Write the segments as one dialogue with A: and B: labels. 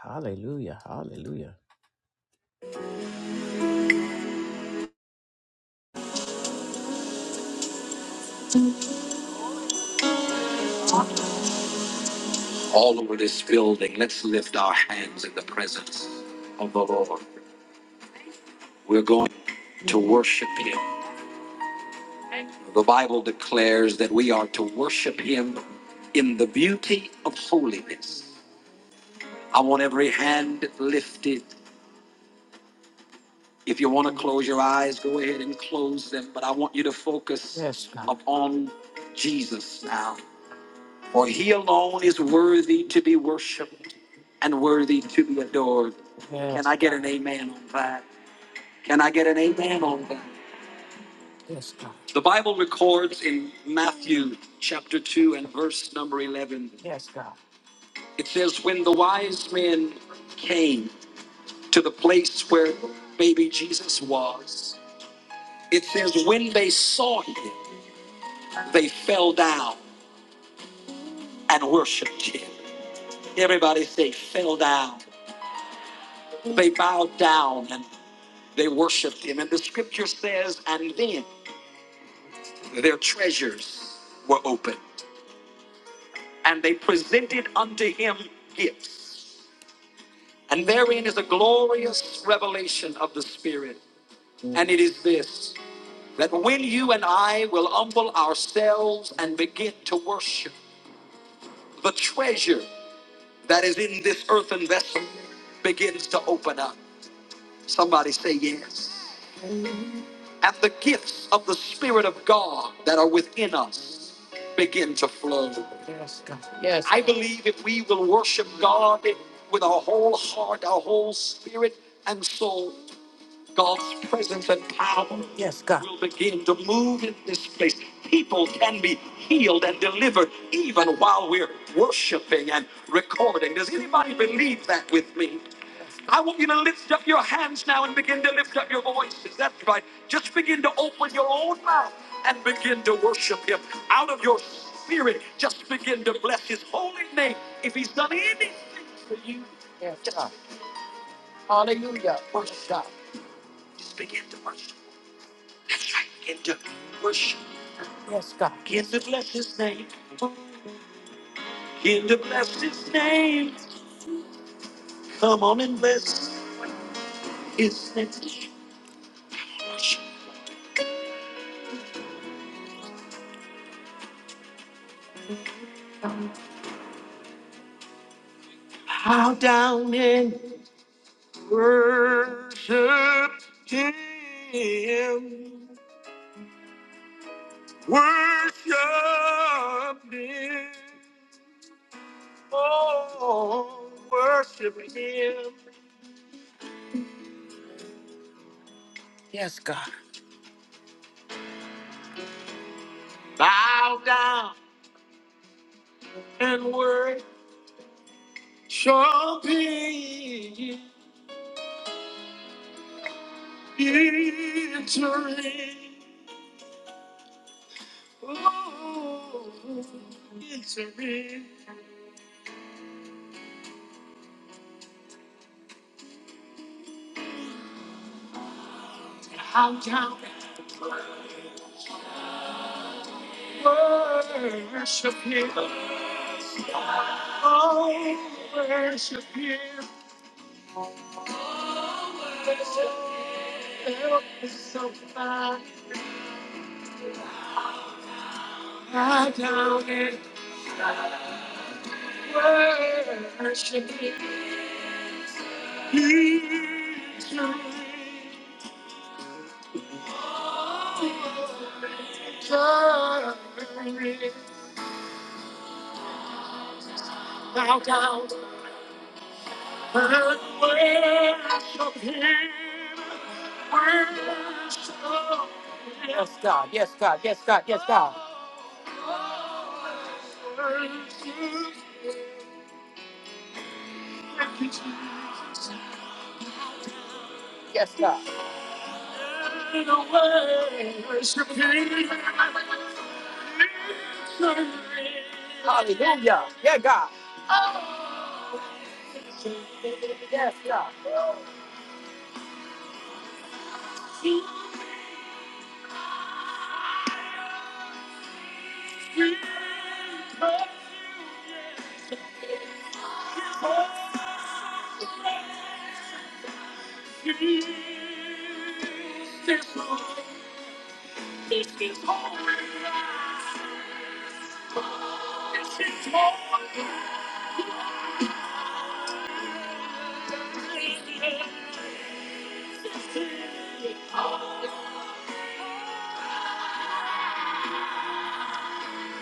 A: Hallelujah. Hallelujah. all over this building. Let's lift our hands in the presence of the Lord. We're going to worship Him. The Bible declares that we are to worship Him in the beauty of holiness. I want every hand lifted. If you want to close your eyes, go ahead and close them, but I want you to focus Yes, God. upon Jesus now. For he alone is worthy to be worshiped and worthy to be adored. Yes. Can Yes, I get an amen on that? Can I get an amen on that? Yes, God. The Bible records in Matthew chapter 2 and verse number 11, Yes, God. it says, When the wise men came to the place where baby Jesus was, it says, When they saw him, they fell down and worshiped him. Everybody say, fell down. They bowed down and they worshiped him. And the scripture says, and then their treasures were opened, and they presented unto him gifts. And therein is a glorious revelation of the Spirit. And it is this that when you and I will humble ourselves and begin to worship, the treasure that is in this earthen vessel begins to open up. Somebody say yes. and the gifts of the Spirit of God that are within us begin to flow. Yes, God. Yes. I believe if we will worship God with our whole heart, our whole spirit and soul, God's presence and power yes, God. will begin to move in this place. People can be healed and delivered even while we're worshiping and recording. Does anybody believe that with me? I want you to lift up your hands now and begin to lift up your voices. That's right. Just begin to open your own mouth and begin to worship Him. Out of your spirit, just begin to bless His holy name. If He's done anything for you, yes, God. Hallelujah. Worship God. Just begin to worship. That's right. Begin to worship. Yes, God. Begin to bless his name. Begin to bless his name. Come on and bless his name. Worship. Bow down and worship him. Worship him. Oh, worship him. Yes, God. Bow down and worship. shall be victory. Oh, victory. How down worship him. Oh, worship him. Victory. Worship him. Worship him. Yes, God. Yes, God. Yes, God. Yes, God. Worship him, Thank you, Jesus. Yes, God. In a way, worshiping. you. Hallelujah. Yeah, God. Yes, God. This room is his holy.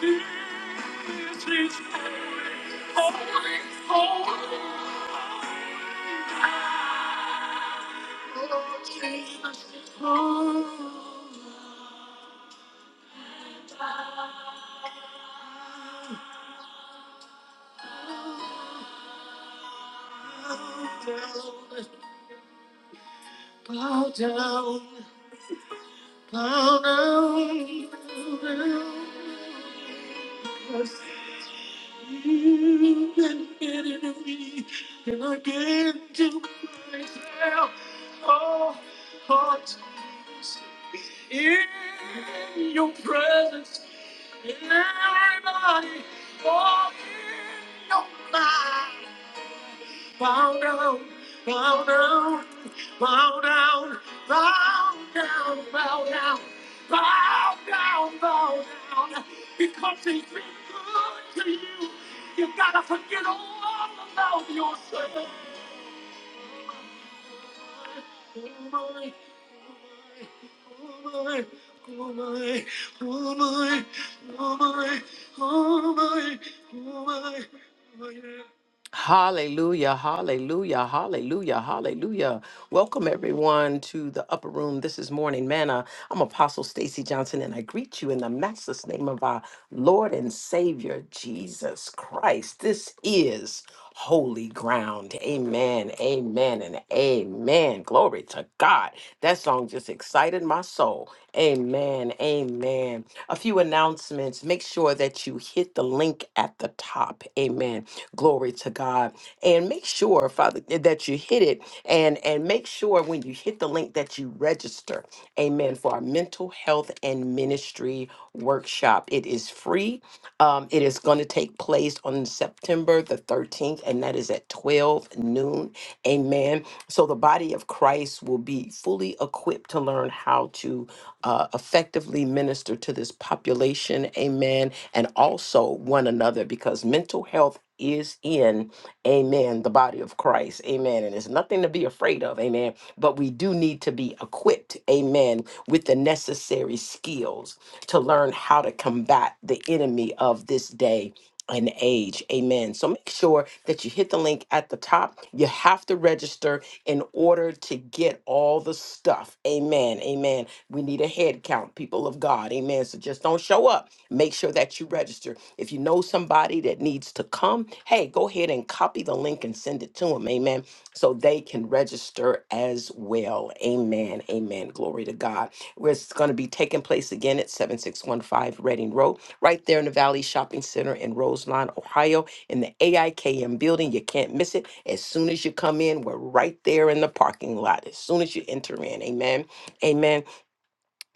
A: This is holy. holy. Bow down, bow down, bow down. Bow down. And get it in me, and I get to myself, oh, oh, in your presence, everybody, oh, in your mind bow down, bow down, bow down, bow down, bow down, bow down, bow down. Because he's been good to you, you've got to forget all about yourself. Hallelujah, hallelujah, hallelujah, hallelujah. Welcome everyone to the upper room. This is Morning Manna. I'm Apostle Stacy Johnson and I greet you in the matchless name of our Lord and Savior Jesus Christ. This is holy ground. Amen, amen, and amen. Glory to God. That song just excited my soul. Amen, amen. A few announcements. Make sure that you hit the link at the top. Amen. Glory to God. And make sure, Father, that you hit it. And, and make sure when you hit the link that you register. Amen. For our mental health and ministry Mastery Workshop. It is free. Um, it is going to take place on September the 13th, and that is at 12 noon. Amen. So the body of Christ will be fully equipped to learn how to uh, effectively minister to this population. Amen. And also one another because mental health is in, amen, the body of Christ. Amen. And it's nothing to be afraid afraid of. Amen. But we do need to be equipped, amen, with the necessary skills to learn how to combat the enemy of this day and age. Amen. So make sure that you hit the link at the top. You have to register in order to get all the stuff. Amen. Amen. We need a head count, people of God. Amen. So just don't show up. Make sure that you register. If you know somebody, somebody that needs to come, hey, go ahead and copy the link and send it to them. Amen. So they can register as well. Amen. Amen. Glory to God. Where It's going to be taking place again at 7615 Reading Road, right there in the Valley Shopping Center in Roseline, Ohio, in the AIKM building. You can't miss it. As soon as you come in, we're right there in the parking lot. As soon as you enter in. Amen. Amen.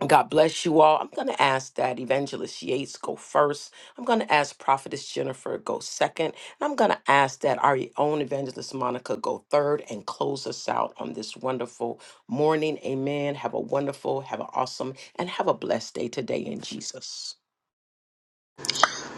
A: God bless you all. I'm going to ask that Evangelist Yates go first. I'm going to ask Prophetess Jennifer go second. And I'm going to ask that our own Evangelist Monica go third and close us out on this wonderful morning. Amen. Have a wonderful, have an awesome, and have a blessed day today in Jesus.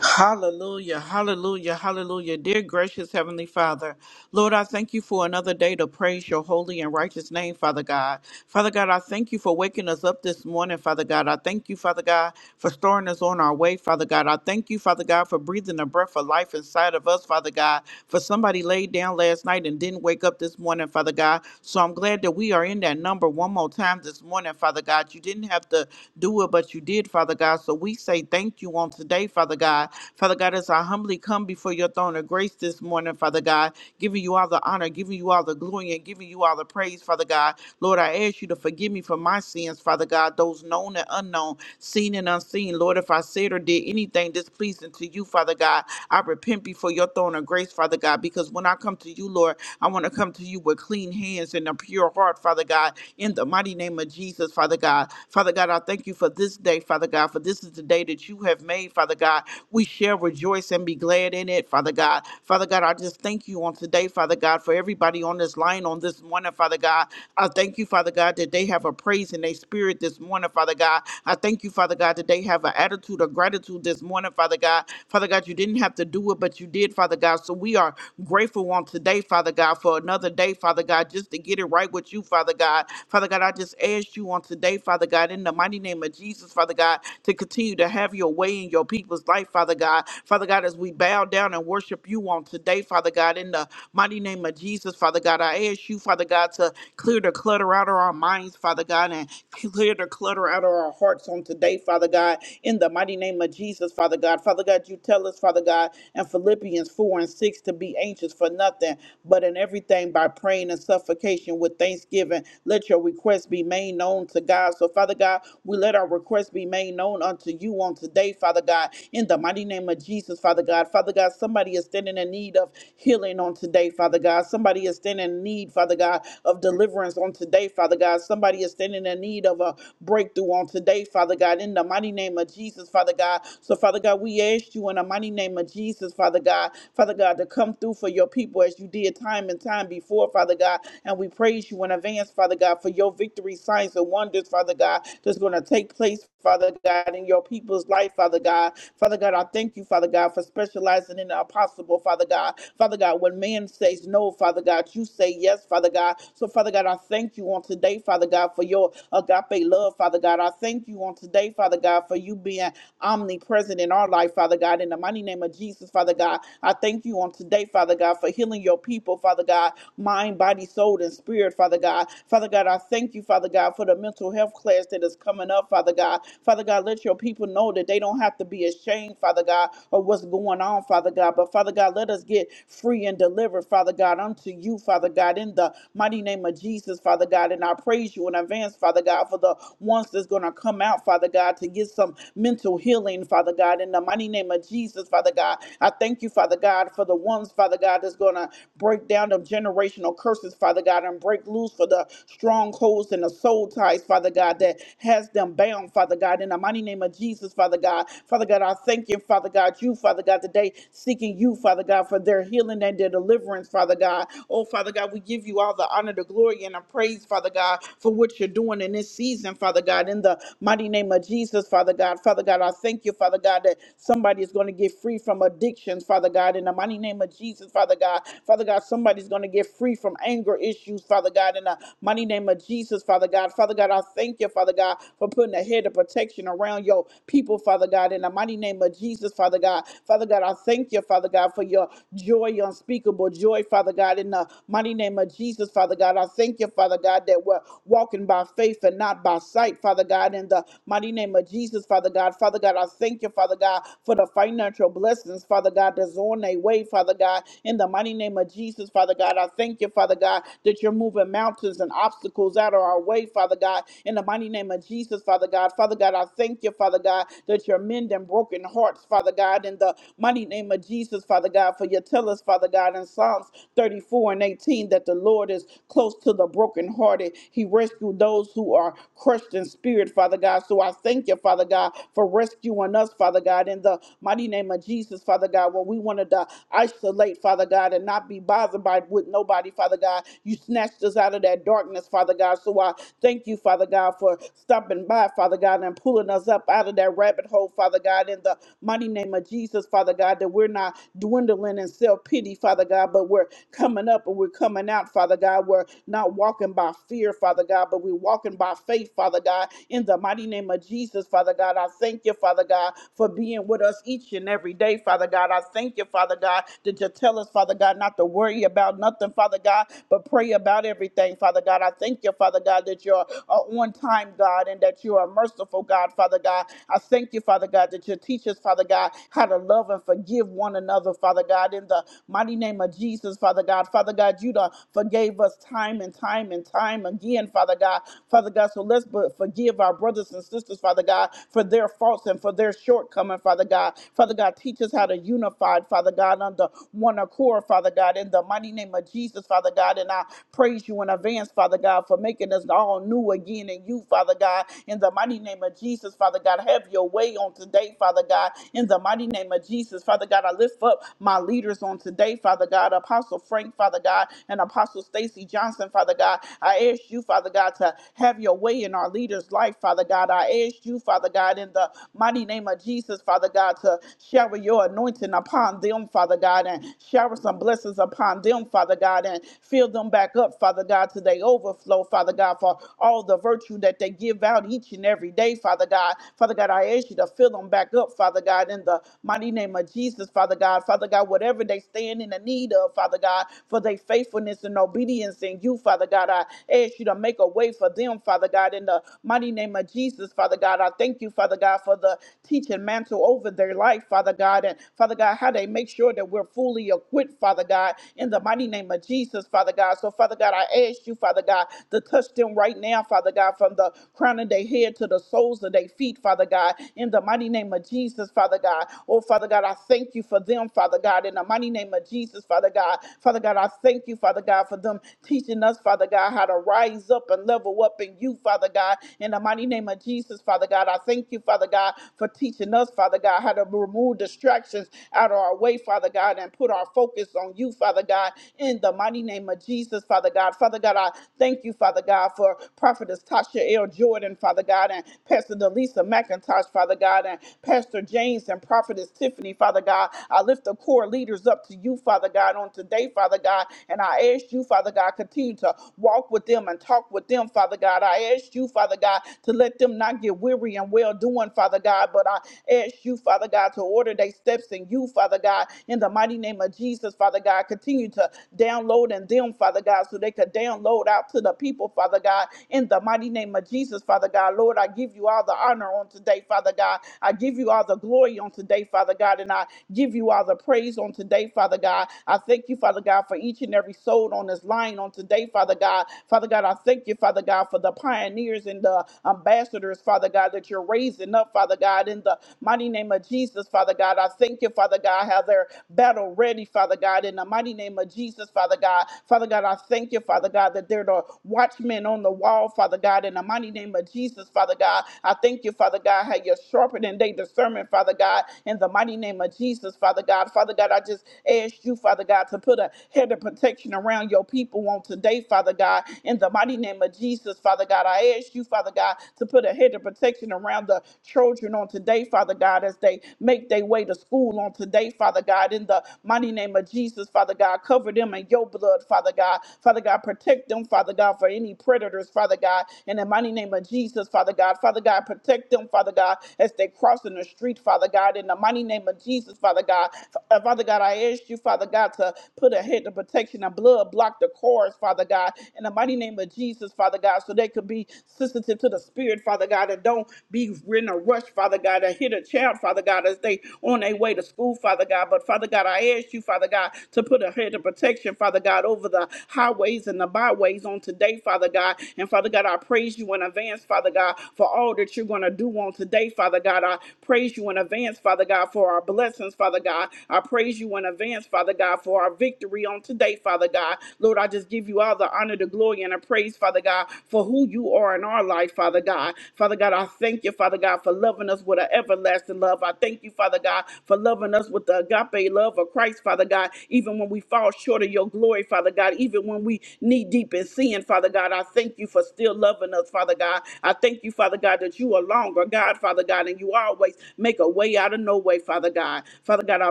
B: Hallelujah, hallelujah, hallelujah. Dear gracious Heavenly Father, Lord, I thank you for another day to praise your holy and righteous name, Father God. Father God, I thank you for waking us up this morning, Father God. I thank you, Father God, for storing us on our way, Father God. I thank you, Father God, for breathing the breath of life inside of us, Father God. For somebody laid down last night and didn't wake up this morning, Father God. So I'm glad that we are in that number one more time this morning, Father God. You didn't have to do it, but you did, Father God. So we say thank you on on today, Father God. Father God, as I humbly come before your throne of grace this morning, Father God, giving you all the honor, giving you all the glory, and giving you all the praise, Father God. Lord, I ask you to forgive me for my sins, Father God, those known and unknown, seen and unseen. Lord, if I said or did anything displeasing to you, Father God, I repent before your throne of grace, Father God, because when I come to you, Lord, I want to come to you with clean hands and a pure heart, Father God, in the mighty name of Jesus, Father God. Father God, I thank you for this day, Father God, for this is the day day that you have made, Father God. We shall rejoice and be glad in it, Father God. Father God, I just thank you on today, Father God, for everybody on this line on this morning, Father God. I thank you, Father God, that they have a praise in their spirit this morning, Father God. I thank you, Father God, that they have an attitude of gratitude this morning, Father God. Father God, you didn't have to do it, but you did, Father God. So we are grateful on today, Father God, for another day, Father God, just to get it right with you, Father God. Father God, I just asked you on today, Father God, in the mighty name of Jesus, Father God. God, to continue to have your way in your people's life, Father God. Father God, as we bow down and worship you on today, Father God, in the mighty name of Jesus, Father God, I ask you, Father God, to clear the clutter out of our minds, Father God, and clear the clutter out of our hearts on today, Father God, in the mighty name of Jesus, Father God. Father God, you tell us, Father God, in Philippians 4 and 6 to be anxious for nothing, but in everything by praying and supplication with thanksgiving, let your requests be made known to God. So, Father God, we let let our requests be made known unto you on today, Father God, in the mighty name of Jesus, Father God. Father God, somebody is standing in need of healing on today, Father God. Somebody is standing in need, Father God, of deliverance on today, Father God. Somebody is standing in need of a breakthrough on today, Father God, in the mighty name of Jesus, Father God. So, Father God, we ask you in the mighty name of Jesus, Father God, Father God, to come through for your people as you did time and time before, Father God. And we praise you in advance, Father God, for your victory, signs, and wonders, Father God. God, that's going to take place, Father God, in your people's life, Father God. Father God, I thank you, Father God, for specializing in the impossible, Father God. Father God, when man says no, Father God, you say yes, Father God. So, Father God, I thank you on today, Father God, for your agape love, Father God. I thank you on today, Father God, for you being omnipresent in our life, Father God. In the mighty name of Jesus, Father God, I thank you on today, Father God, for healing your people, Father God, mind, body, soul, and spirit, Father God. Father God, I thank you, Father God, for God, for the mental health class that is coming up, Father God. Father God, let your people know that they don't have to be ashamed, Father God, of what's going on, Father God. But Father God, let us get free and delivered, Father God, unto you, Father God, in the mighty name of Jesus, Father God. And I praise you in advance, Father God, for the ones that's going to come out, Father God, to get some mental healing, Father God, in the mighty name of Jesus, Father God. I thank you, Father God, for the ones, Father God, that's going to break down the generational curses, Father God, and break loose for the strong strongholds and the soul ties, Father God, that has them bound, Father God, in the mighty name of Jesus, Father God. Father God, I thank you, Father God, you, Father God, today seeking you, Father God, for their healing and their deliverance, Father God. Oh, Father God, we give you all the honor, the glory, and the praise, Father God, for what you're doing in this season, Father God, in the mighty name of Jesus, Father God. Father God, I thank you, Father God, that somebody is going to get free from addictions, Father God, in the mighty name of Jesus, Father God. Father God, somebody's going to get free from anger issues, Father God, in the uh, mighty name of Jesus, Father God. Father God, I thank you, Father God, for putting a head of protection around your people, Father God, in the mighty name of Jesus, Father God. Father God, I thank you, Father God, for your joy, your unspeakable joy, Father God, in the mighty name of Jesus, Father God. I thank you, Father God, that we're walking by faith and not by sight, Father God, in the mighty name of Jesus, Father God. Father God, I thank you, Father God, for the financial blessings, Father God, that's on their way, Father God, in the mighty name of Jesus, Father God. I thank you, Father God, that that you're moving mountains and obstacles out of our way, Father God. In the mighty name of Jesus, Father God. Father God, I thank you, Father God, that you're mending broken hearts, Father God. In the mighty name of Jesus, Father God, for you tell us, Father God, in Psalms 34 and 18 that the Lord is close to the brokenhearted. He rescued those who are crushed in spirit, Father God. So I thank you, Father God, for rescuing us, Father God, in the mighty name of Jesus, Father God, when we wanted to isolate, Father God, and not be bothered by what nobody body, Father God. You snatched us out of that darkness, Father God. So I thank you, Father God, for stopping by, Father God, and pulling us up out of that rabbit hole, Father God, in the mighty name of Jesus, Father God, that we're not dwindling in self pity, Father God, but we're coming up and we're coming out, Father God. We're not walking by fear, Father God, but we're walking by faith, Father God, in the mighty name of Jesus, Father God. I thank you, Father God, for being with us each and every day, Father God. I thank you, Father God, that you tell us, Father God, not to worry pray about nothing, Father God, but pray about everything, Father God. I thank you, Father God, that you're a on time God and that you are a merciful God, Father God. I thank you, Father God, that you teach us, Father God, how to love and forgive one another, Father God, in the mighty name of Jesus, Father God. Father God, you done forgave us time and time and time again, Father God. Father God, so let's b- forgive our brothers and sisters, Father God, for their faults and for their shortcoming, Father God. Father God, teach us how to unify, Father God, under one accord. Lord, Father God, in the mighty name of Jesus, Father God. And I praise you in advance, Father God, for making us all new again in you, Father God. In the mighty name of Jesus, Father God, have your way on today, Father God. In the mighty name of Jesus, Father God, I lift up my leaders on today, Father God, Apostle Frank, Father God, and Apostle Stacy Johnson, Father God. I ask you, Father God, to have your way in our leaders' life, Father God. I ask you, Father God, in the mighty name of Jesus, Father God, to shower your anointing upon them, Father God. God, and shower some blessings upon them, Father God, and fill them back up, Father God, to they overflow, Father God, for all the virtue that they give out each and every day, Father God. Father God, I ask you to fill them back up, Father God, in the mighty name of Jesus, Father God. Father God, whatever they stand in the need of, Father God, for their faithfulness and obedience in you, Father God, I ask you to make a way for them, Father God, in the mighty name of Jesus, Father God. I thank you, Father God, for the teaching mantle over their life, Father God. And Father God, how how they make sure that we're fully equipped, Father God, in the mighty name of Jesus, Father God. So, Father God, I ask you, Father God, to touch them right now, Father God, from the crown of their head to the soles of their feet, Father God, in the mighty name of Jesus, Father God. Oh, Father God, I thank you for them, Father God, in the mighty name of Jesus, Father God. Father God, I thank you, Father God, for them teaching us, Father God, how to rise up and level up in you, Father God, in the mighty name of Jesus, Father God. I thank you, Father God, for teaching us, Father God, how to remove the stress distractions out of our way, Father God, and put our focus on you, Father God, in the mighty name of Jesus, Father God. Father God, I thank you, Father God, for Prophetess Tasha L. Jordan, Father God, and Pastor Delisa McIntosh, Father God, and Pastor James and Prophetess Tiffany, Father God. I lift the core leaders up to you, Father God, on today, Father God, and I ask you, Father God, continue to walk with them and talk with them, Father God. I ask you, Father God, to let them not get weary and well doing, Father God, but I ask you, Father. Father God, to order their steps in you, Father God, in the mighty name of Jesus, Father God. Continue to download in them, Father God, so they could download out to the people, Father God, in the mighty name of Jesus, Father God. Lord, I give you all the honor on today, Father God. I give you all the glory on today, Father God, and I give you all the praise on today, Father God. I thank you, Father God, for each and every soul on this line on today, Father God. Father God, I thank you, Father God, for the pioneers and the ambassadors, Father God, that you're raising up, Father God, in the the mighty name of Jesus, Father God. I thank you, Father God, how they're battle ready, Father God, in the mighty name of Jesus, Father God. Father God, I thank you, Father God, that they're the watchmen on the wall, Father God, in the mighty name of Jesus, Father God. I thank you, Father God, how you're sharpening their discernment, Father God, in the mighty name of Jesus, Father God. Father God, I just ask you, Father God, to put a head of protection around your people on today, Father God, in the mighty name of Jesus, Father God. I ask you, Father God, to put a head of protection around the church children on today, Father God, as they make their way to school on today, Father God, in the mighty name of Jesus, Father God. Cover them in your blood, Father God. Father God, protect them, Father God, for any predators, Father God, in the mighty name of Jesus, Father God. Father God, protect them, Father God, as they cross in the street, Father God, in the mighty name of Jesus, Father God. F- Father God, I ask you, Father God, to put a head of protection and blood, block the cars, Father God, in the mighty name of Jesus, Father God, so they could be sensitive to the Spirit, Father God, and don't be in a rush, Father God, to hit a child, Father God, as they on their way to school, Father God. But Father God, I ask you, Father God, to put a head of protection, Father God, over the highways and the byways on today, Father God. And Father God, I praise you in advance, Father God, for all that you're going to do on today, Father God. I praise you in advance, Father God, for our blessings, Father God. I praise you in advance, Father God, for our victory on today, Father God. Lord, I just give you all the honor, the glory, and the praise, Father God, for who you are in our life, Father God. God. Father God, I thank you, Father God, for loving us with an everlasting love. I thank you, Father God, for loving us with the agape love of Christ, Father God, even when we fall short of your glory, Father God, even when we knee deep in sin, Father God. I thank you for still loving us, Father God. I thank you, Father God, that you are longer, God, Father God, and you always make a way out of no way, Father God. Father God, I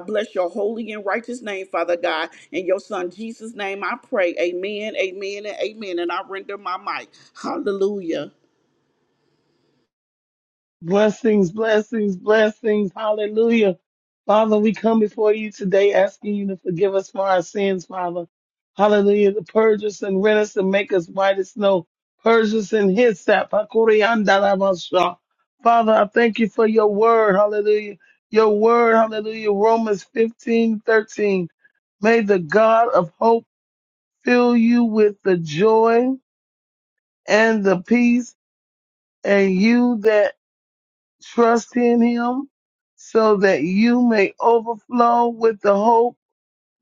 B: bless your holy and righteous name, Father God. In your son Jesus' name I pray. Amen, amen, and amen. And I render my mic. Hallelujah.
C: Blessings, blessings, blessings. Hallelujah. Father, we come before you today asking you to forgive us for our sins, Father. Hallelujah. To purge us and rent us and make us white as snow. Purge us in his sap. Hakuriandalabasha. Father, I thank you for your word. Hallelujah. Your word. Hallelujah. Romans 15:13. May the God of hope fill you with the joy and the peace and you that Trust in him so that you may overflow with the hope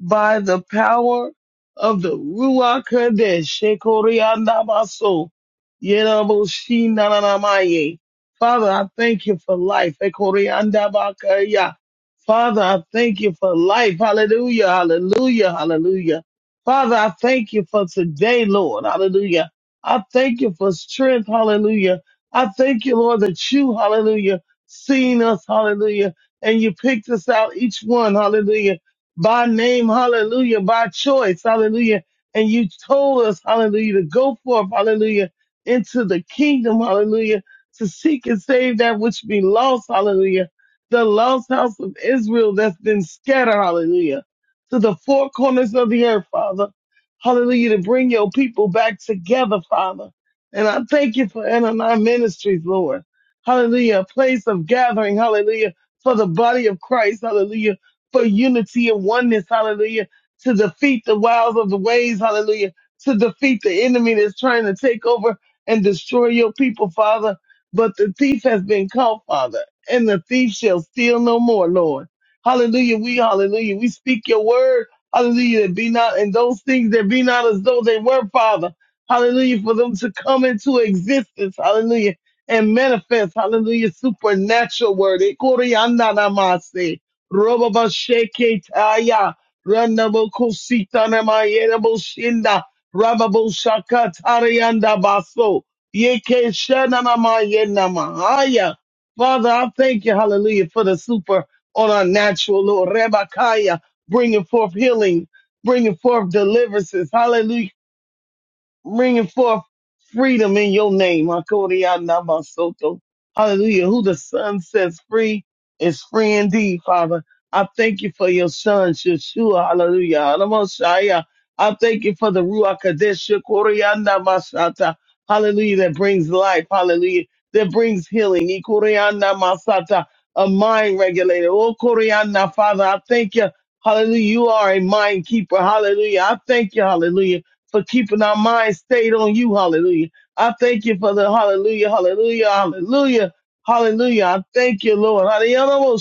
C: by the power of the Ruach Kadesh, Shekoriandamaso, Yeraboshinanamaye. Father, I thank you for life. Ekoriandabakaya. Father, I thank you for life. Hallelujah, hallelujah, hallelujah. Father, I thank you for today, Lord. Hallelujah. I thank you for strength. Hallelujah. I thank you, Lord, that you, hallelujah, seen us. Hallelujah. And you picked us out, each one. Hallelujah by name, hallelujah, by choice, hallelujah. And you told us, hallelujah, to go forth, hallelujah, into the kingdom, hallelujah, to seek and save that which be lost, hallelujah. The lost house of Israel that's been scattered, hallelujah, to the four corners of the earth, Father. Hallelujah, to bring your people back together, Father. And I thank you for Ananias Ministries, Lord. Hallelujah, a place of gathering, hallelujah, for the body of Christ, hallelujah for unity and oneness, hallelujah, to defeat the wiles of the ways, hallelujah, to defeat the enemy that's trying to take over and destroy your people, Father. But the thief has been caught, Father, and the thief shall steal no more, Lord. Hallelujah. We, hallelujah. We speak your word. Hallelujah. That be not, and those things that be not as though they were, Father. Hallelujah. For them to come into existence. Hallelujah. And manifest. Hallelujah. Supernatural word. Roboba sheke taya. Randabo kusita namayedabo shinda. Rababo shaka tarayanda baso. Yeke shana namayena mahaya. Father, I thank you, hallelujah, for the super on our natural Lord. Rebakaya, bringing forth healing, bringing forth deliverances. Hallelujah bringing forth freedom in your name. Hakodia Namasoto. Hallelujah. Who the Son sets free is free indeed, Father. I thank you for your Son, Yeshua. Hallelujah. Alamoshaya. I thank you for the Ruach Kadesh. Hakodia Namasata. Hallelujah. That brings life. Hallelujah. That brings healing. Ikodia Namasata. A mind regulator. Oh, Koreana, Father, I thank you. Hallelujah. You are a mind keeper. Hallelujah. I thank you. Hallelujah for keeping our minds stayed on you. Hallelujah. I thank you for the hallelujah, hallelujah, hallelujah, hallelujah. I thank you, Lord. Hallelujah.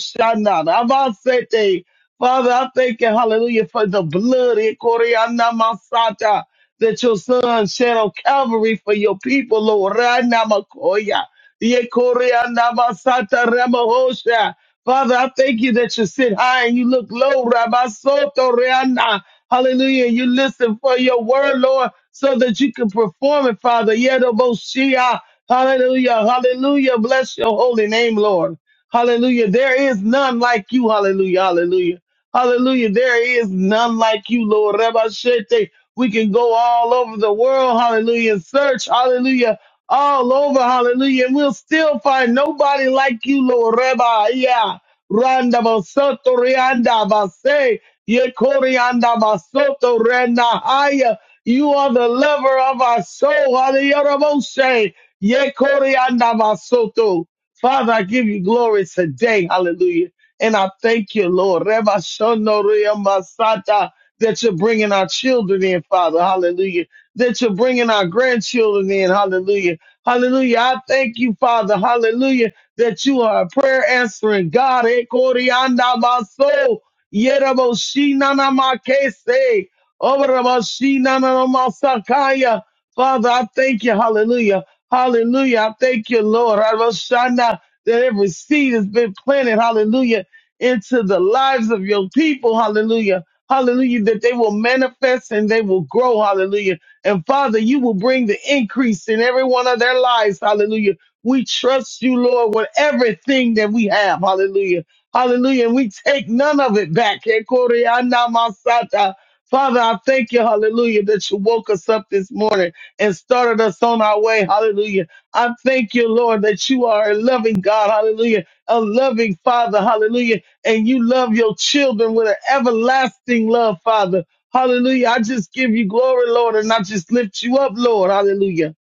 C: Father, I thank you, hallelujah, for the blood eh, Koreana Masata, that your son shed on Calvary for your people, Lord. Rana Makoya. Ye Koreana Masata Ramahosha. Father, I thank you that you sit high and you look low, Rabbi Soto Reana. Hallelujah. You listen for your word, Lord, so that you can perform it, Father. Yedoboshia. Hallelujah. Hallelujah. Bless your holy name, Lord. Hallelujah. There is none like you. Hallelujah. Hallelujah. Hallelujah. There is none like you, Lord. Rabashete. We can go all over the world. Hallelujah. And search. Hallelujah. All over. Hallelujah. And we'll still find nobody like you, Lord. Rabba. Yeah. Randa basoto rianda base. Yekorianda basoto renda haya. You are the lover of our soul. Hallelujah. Raboshe. Yekorianda basoto. Father, I give you glory today. Hallelujah. And I thank you, Lord, Reba Shonoria Masata, that you're bringing our children in, Father. Hallelujah. That you're bringing our grandchildren in. Hallelujah. Hallelujah. I thank you, Father. Hallelujah. That you are a prayer answering God. Eh, Korianda Maso, Yerabo Shinana Makese, Oberabo Shinana Masakaya. Father, I thank you. Hallelujah. Hallelujah. I thank you, Lord. Roshana, that every seed has been planted. Hallelujah into the lives of your people. Hallelujah. Hallelujah. That they will manifest and they will grow. Hallelujah. And Father, you will bring the increase in every one of their lives. Hallelujah. We trust you, Lord, with everything that we have. Hallelujah. Hallelujah. And we take none of it back. Ekorianamasata. Father, I thank you, hallelujah, that you woke us up this morning and started us on our way. Hallelujah. I thank you, Lord, that you are a loving God. Hallelujah. A loving Father. Hallelujah and you love your children with an everlasting love, Father. Hallelujah. I just give you glory, Lord, and I just lift you up, Lord. Hallelujah.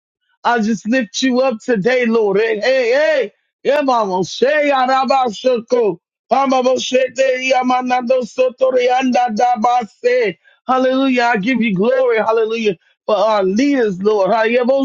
C: I just lift you up today, Lord. Hey, hey, hey. Yeah, mama. Say, araba, Mama, bo, she, te, so, anda, da, Hallelujah. I give you glory. Hallelujah. For our leaders, Lord. Hallelujah. Bo,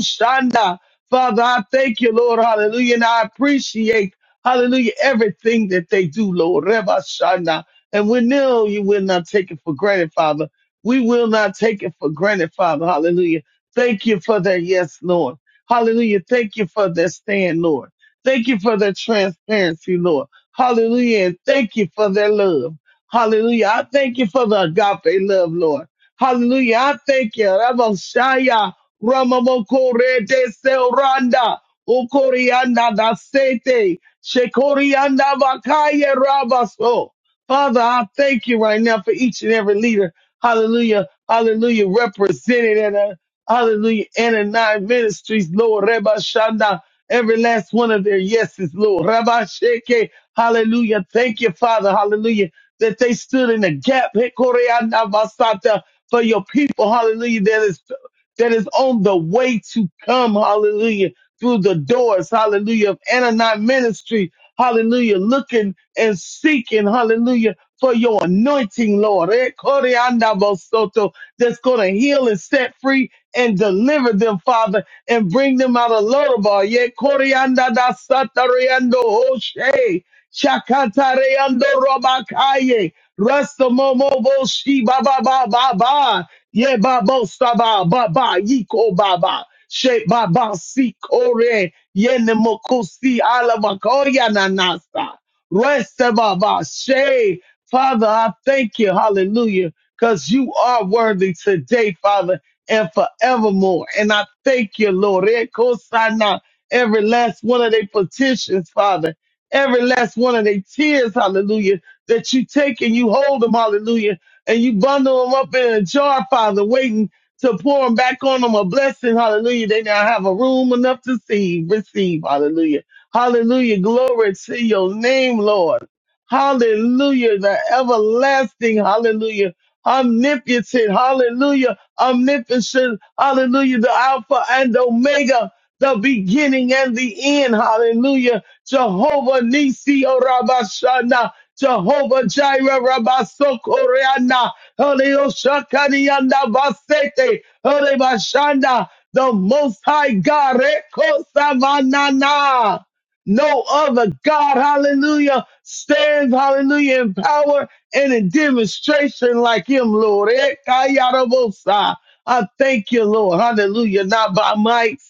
C: Father, I thank you, Lord. Hallelujah. And I appreciate Hallelujah. Everything that they do, Lord. Reba Shana. And we know you will not take it for granted, Father. We will not take it for granted, Father. Hallelujah. Thank you for their yes, Lord. Hallelujah. Thank you for their stand, Lord. Thank you for their transparency, Lord. Hallelujah. And thank you for their love. Hallelujah. I thank you for the agape love, Lord. Hallelujah. I thank you. Reba Shaya. Ramamokore de Selranda. Okorianda da sete. Shekorianda Bakaya Rabaso. Father, I thank you right now for each and every leader. Hallelujah. Hallelujah. Represented in a hallelujah and in nine ministries, Lord Reba Shanda. Every last one of their yeses, Lord. Rabbi Sheke. Hallelujah. Thank you, Father. Hallelujah. That they stood in the gap. Hekorianda Basata for your people. Hallelujah. That is that is on the way to come. Hallelujah through the doors, hallelujah, of Ananite ministry, hallelujah, looking and seeking, hallelujah, for your anointing, Lord. Eh, Koreanda Bosoto, That's going to heal and set free and deliver them, Father, and bring them out of Lodabar. Yeah, Koreanda da Satareando Hoshe, Shakatareando Robakaye, Rasta Momo Boshi, Ba Ba Ba Yeah, Ba Bosta baba. Yiko Ba Sheba basi kore yene mokusi ala makoya nanasa. Rest baba she. Father, I thank you, hallelujah, because you are worthy today, Father, and forevermore. And I thank you, Lord. Ekosana, Every last one of their petitions, Father, every last one of their tears, hallelujah, that you take and you hold them, hallelujah, and you bundle them up in a jar, Father, waiting to pour them back on them a blessing. Hallelujah. They now have a room enough to see, receive. Hallelujah. Hallelujah. Glory to your name, Lord. Hallelujah. The everlasting. Hallelujah. Omnipotent. Hallelujah. Omnipotent. Hallelujah. The Alpha and Omega. The beginning and the end. Hallelujah. Jehovah Nisi Orabashana. Jehovah Jireh Rabasokoreana. Holy Oshakarianda Basete, Holy Bashanda, the Most High God, Reko Savanana. No other God, hallelujah, stands, hallelujah, in power and in demonstration like him, Lord. Ekayarabosa. I thank you, Lord, hallelujah, not by might,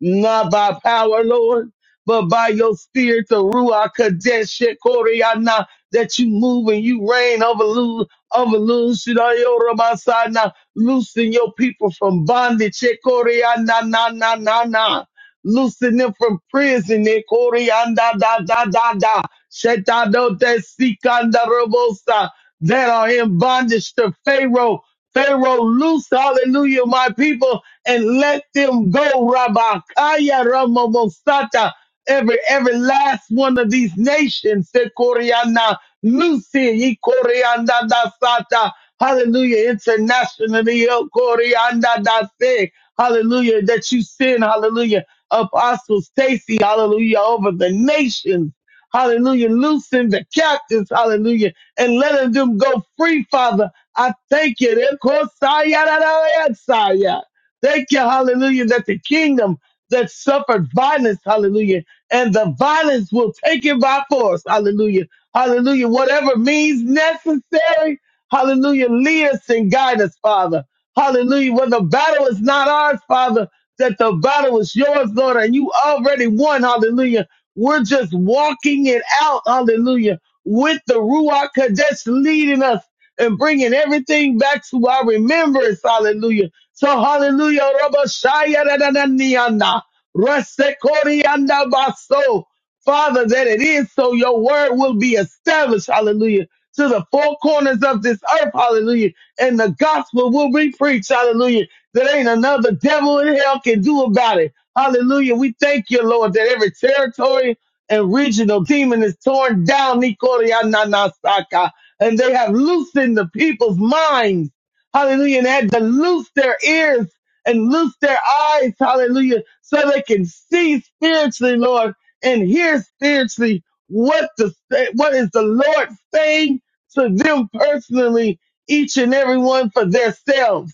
C: not by power, Lord, but by your spirit, the Ruach Kadesh, Shekoriana, that you move and you reign over of Lucidayorabasana, loosing your people from bondage, Ekoriana, na, na, na, na, loosen them from prison, Ekoriana, da, da, da, da, Shetadote, Sikanda, Robosa, that are in bondage to Pharaoh. Pharaoh, loose, hallelujah, my people, and let them go, Rabakaya, Ramamosata, every every last one of these nations. Se Koreana, Lucy, Ye Koreana da Sata. Hallelujah. Internationally, Yo Koreana da Se. Hallelujah. That you send, hallelujah. Apostle Stacy, hallelujah, over the nations. Hallelujah. Loosen the captives, hallelujah, and let them go free, Father. I thank you. Re Kosaya da da ya Saya. Thank you, hallelujah, that the kingdom that suffered violence, hallelujah and the violence will take it by force. Hallelujah. Hallelujah. Whatever means necessary. Hallelujah. Lead us and guide us, Father. Hallelujah. When the battle is not ours, Father, that the battle is yours, Lord, and you already won. Hallelujah. We're just walking it out. Hallelujah. With the Ruach Kadesh leading us and bringing everything back to our remembrance. Hallelujah. So hallelujah. Rabba Shaya da da da niana. Rasekoriandabaso. Father, that it is so your word will be established, hallelujah, to the four corners of this earth, hallelujah, and the gospel will be preached, hallelujah, that ain't another devil in hell can do about it, hallelujah. We thank you, Lord, that every territory and regional demon is torn down, Nikoriananasaka, and they have loosened the people's minds, hallelujah, and had to loose their ears and loose their eyes, hallelujah, so they can see spiritually, Lord, and hear spiritually what the what is the Lord saying to them personally, each and every one for themselves.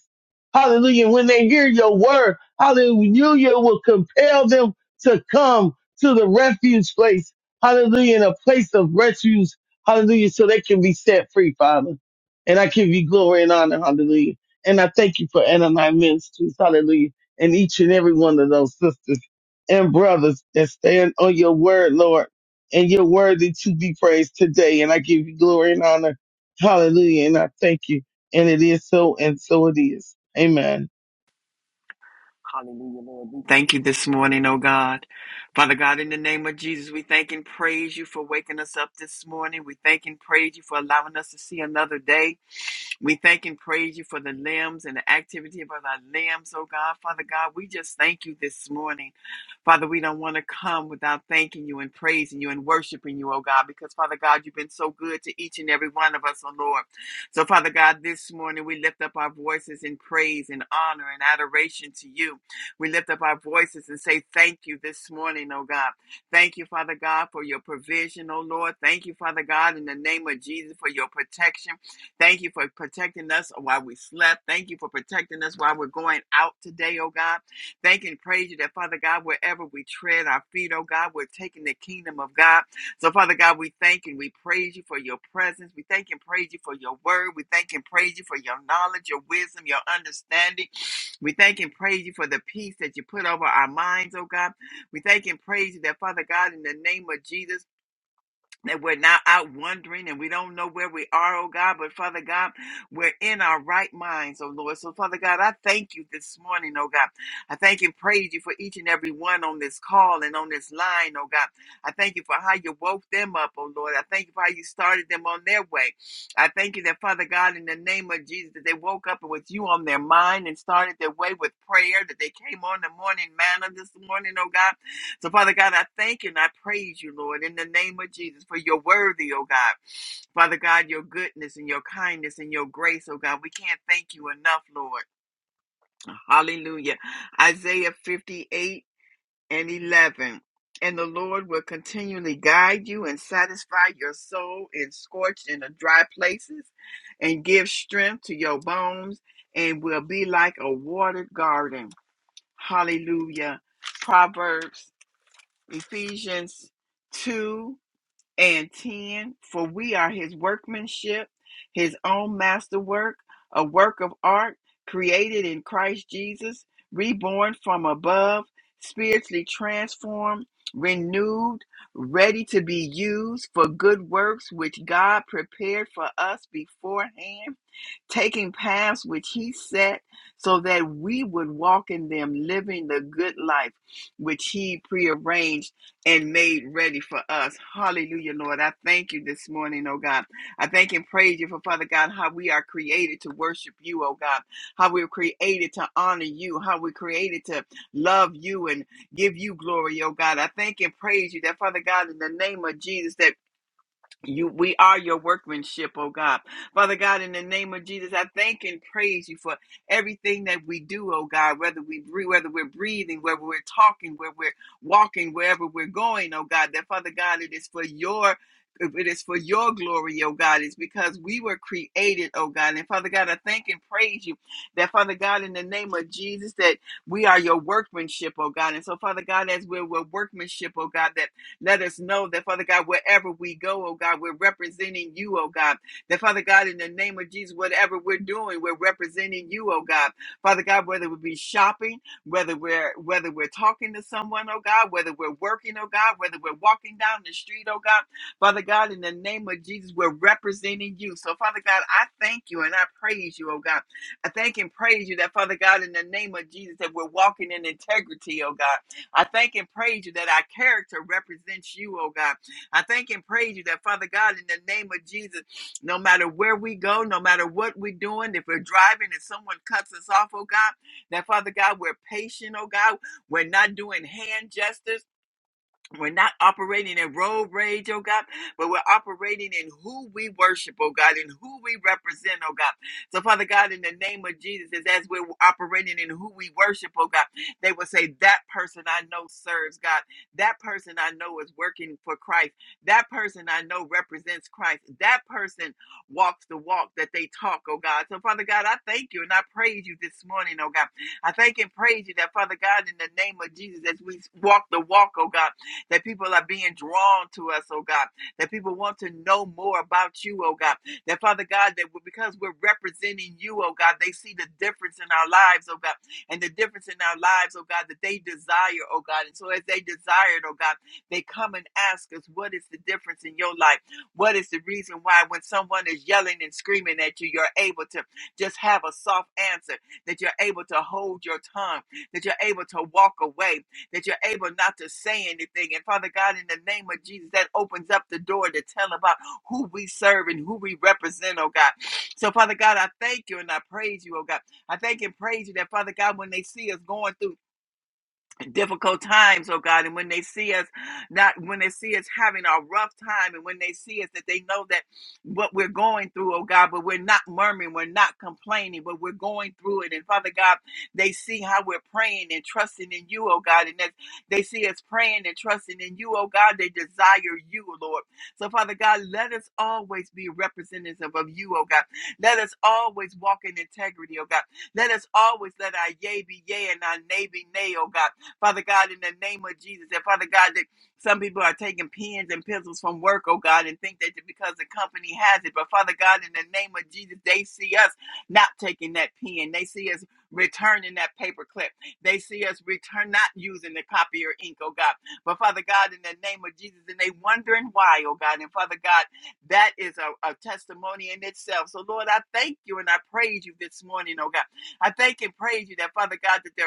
C: Hallelujah. When they hear your word, hallelujah will compel them to come to the refuge place. Hallelujah. In a place of refuge. Hallelujah. So they can be set free, Father. And I give you glory and honor. Hallelujah. And I thank you for Ananias Ministries, hallelujah, and each and every one of those sisters and brothers that stand on your word, Lord, and you're worthy to be praised today. And I give you glory and honor, hallelujah, and I thank you. And it is so, and so it is. Amen.
D: Hallelujah, Lord. We thank you this morning, oh God. Father God, in the name of Jesus, we thank and praise you for waking us up this morning. We thank and praise you for allowing us to see another day. We thank and praise you for the limbs and the activity of our limbs, oh God. Father God, we just thank you this morning. Father, we don't want to come without thanking you and praising you and worshiping you, oh God, because Father God, you've been so good to each and every one of us, oh Lord. So, Father God, this morning we lift up our voices in praise and honor and adoration to you. We lift up our voices and say thank you this morning, oh God. Thank you, Father God, for your provision, oh Lord. Thank you, Father God, in the name of Jesus for your protection. Thank you for protecting us while we slept. Thank you for protecting us while we're going out today, oh God. Thank and praise you that, Father God, wherever we tread our feet, oh God, we're taking the kingdom of God. So, Father God, we thank and we praise you for your presence. We thank and praise you for your word. We thank and praise you for your knowledge, your wisdom, your understanding. We thank and praise you for the peace that you put over our minds, oh God. We thank and praise you that, Father God, in the name of Jesus that we're not out wandering and we don't know where we are, oh God, but Father God, we're in our right minds, oh Lord. So, Father God, I thank you this morning, oh God. I thank and praise you for each and every one on this call and on this line, oh God. I thank you for how you woke them up, oh Lord. I thank you for how you started them on their way. I thank you that, Father God, in the name of Jesus, that they woke up with you on their mind and started their way with prayer, that they came on the morning manna this morning, oh God so, Father God, I thank you and I praise you, Lord, in the name of Jesus, for you're worthy, oh God. Father God, your goodness and your kindness and your grace, oh God. We can't thank you enough, Lord. Hallelujah. Isaiah 58 and 11. And the Lord will continually guide you and satisfy your soul in scorched and dry places and give strength to your bones and will be like a watered garden. Hallelujah. Proverbs Ephesians 2 and 10. For we are his workmanship, his own masterwork, a work of art created in Christ Jesus, reborn from above, spiritually transformed, renewed, ready to be used for good works which God prepared for us beforehand taking paths which he set so that we would walk in them, living the good life which he prearranged and made ready for us. Hallelujah, Lord. I thank you this morning, oh God. I thank and praise you for Father God, how we are created to worship you, oh God, how we're created to honor you, how we're created to love you and give you glory, oh God. I thank and praise you that Father God, in the name of Jesus, that you, we are your workmanship, oh God. Father God, in the name of Jesus, I thank and praise you for everything that we do, oh God, whether we breathe, whether we're breathing, whether we're talking, where we're walking, wherever we're going, oh God, that Father God, it is for your it is for your glory, oh God. It's because we were created, oh God. And Father God, I thank and praise you that, Father God, in the name of Jesus, that we are your workmanship, oh God. And so, Father God, as we're, we're workmanship, oh God, that let us know that, Father God, wherever we go, oh God, we're representing you, oh God. That, Father God, in the name of Jesus, whatever we're doing, we're representing you, oh God. Father God, whether we be shopping, whether we're whether we're talking to someone, oh God, whether we're working, oh God, whether we're walking down the street, oh God, Father God, in the name of Jesus, we're representing you. So, Father God, I thank you and I praise you, oh God. I thank and praise you that, Father God, in the name of Jesus, that we're walking in integrity, oh God. I thank and praise you that our character represents you, oh God. I thank and praise you that, Father God, in the name of Jesus, no matter where we go, no matter what we're doing, if we're driving and someone cuts us off, oh God, that, Father God, we're patient, oh God. We're not doing hand gestures. We're not operating in road rage, oh God, but we're operating in who we worship, oh God, and who we represent, oh God. So, Father God, in the name of Jesus, as we're operating in who we worship, oh God, they will say, That person I know serves God. That person I know is working for Christ. That person I know represents Christ. That person walks the walk that they talk, oh God. So, Father God, I thank you and I praise you this morning, oh God. I thank and praise you that, Father God, in the name of Jesus, as we walk the walk, oh God that people are being drawn to us, oh God, that people want to know more about you, oh God, that Father God, that because we're representing you, oh God, they see the difference in our lives, oh God, and the difference in our lives, oh God, that they desire, oh God. And so as they desire it, oh God, they come and ask us, what is the difference in your life? What is the reason why when someone is yelling and screaming at you, you're able to just have a soft answer, that you're able to hold your tongue, that you're able to walk away, that you're able not to say anything. And Father God, in the name of Jesus, that opens up the door to tell about who we serve and who we represent, oh God. So, Father God, I thank you and I praise you, oh God. I thank and praise you that, Father God, when they see us going through difficult times, oh God, and when they see us not when they see us having a rough time and when they see us that they know that what we're going through, oh God, but we're not murmuring, we're not complaining, but we're going through it. And Father God, they see how we're praying and trusting in you, oh God, and that they see us praying and trusting in you, oh God, they desire you, Lord. So Father God, let us always be representative of you, oh God. Let us always walk in integrity, oh God. Let us always let our yea be yea and our nay be nay, oh God. Father God, in the name of Jesus. And Father God, that some people are taking pens and pencils from work, oh God, and think that because the company has it. But Father God, in the name of Jesus, they see us not taking that pen. They see us returning that paper clip. They see us return not using the copier ink, oh God. But Father God, in the name of Jesus, and they wondering why, oh God. And Father God, that is a, a testimony in itself. So Lord, I thank you and I praise you this morning, oh God. I thank and praise you that Father God that there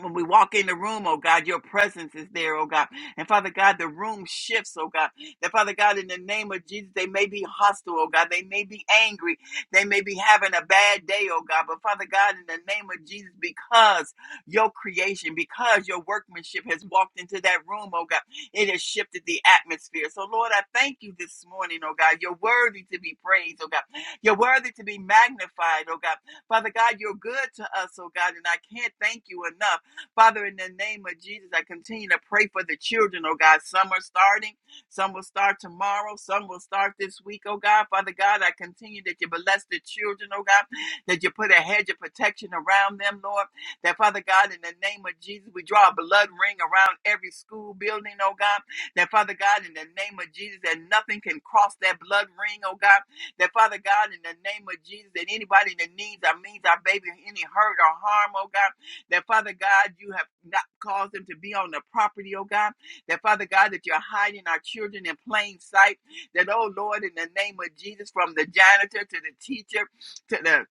D: when we walk in the room, oh God, your presence is there, oh God. And Father God, the room shifts, oh God. That Father God, in the name of Jesus, they may be hostile, oh God. They may be angry. They may be having a bad day, oh God. But Father God, in the name of Jesus, because your creation, because your workmanship has walked into that room, oh God, it has shifted the atmosphere. So Lord, I thank you this morning, oh God. You're worthy to be praised, oh God. You're worthy to be magnified, oh God. Father God, you're good to us, oh God. And I can't thank you enough. Father, in the name of Jesus, I continue to pray for the children, oh God. Some are starting, some will start tomorrow, some will start this week, oh God. Father God, I continue that you bless the children, oh God, that you put a hedge of protection around them, Lord. That, Father God, in the name of Jesus, we draw a blood ring around every school building, oh God. That, Father God, in the name of Jesus, that nothing can cross that blood ring, oh God that Father God, in the name of Jesus, that anybody that needs our means our baby any hurt or harm, oh God. That Father God, you have not caused them to be on the property, oh God. That Father God, that you're hiding our children in plain sight. That, oh Lord, in the name of Jesus, from the janitor to the teacher to the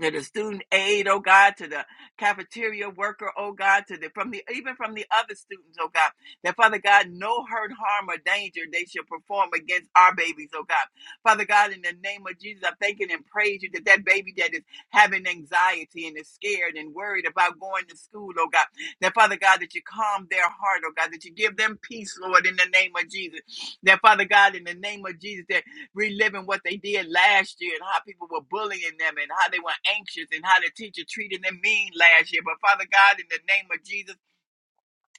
D: to the student aid, oh God, to the cafeteria worker, oh God, to the from the even from the other students, oh God, that Father God, no hurt, harm, or danger they shall perform against our babies, oh God. Father God, in the name of Jesus, I thank you and praise you that that baby that is having anxiety and is scared and worried about going to school, oh God, that Father God, that you calm their heart, oh God, that you give them peace, Lord, in the name of Jesus. That Father God, in the name of Jesus, that reliving what they did last year and how people were bullying them and how they were anxious and how the teacher treated them mean last year. But Father God, in the name of Jesus,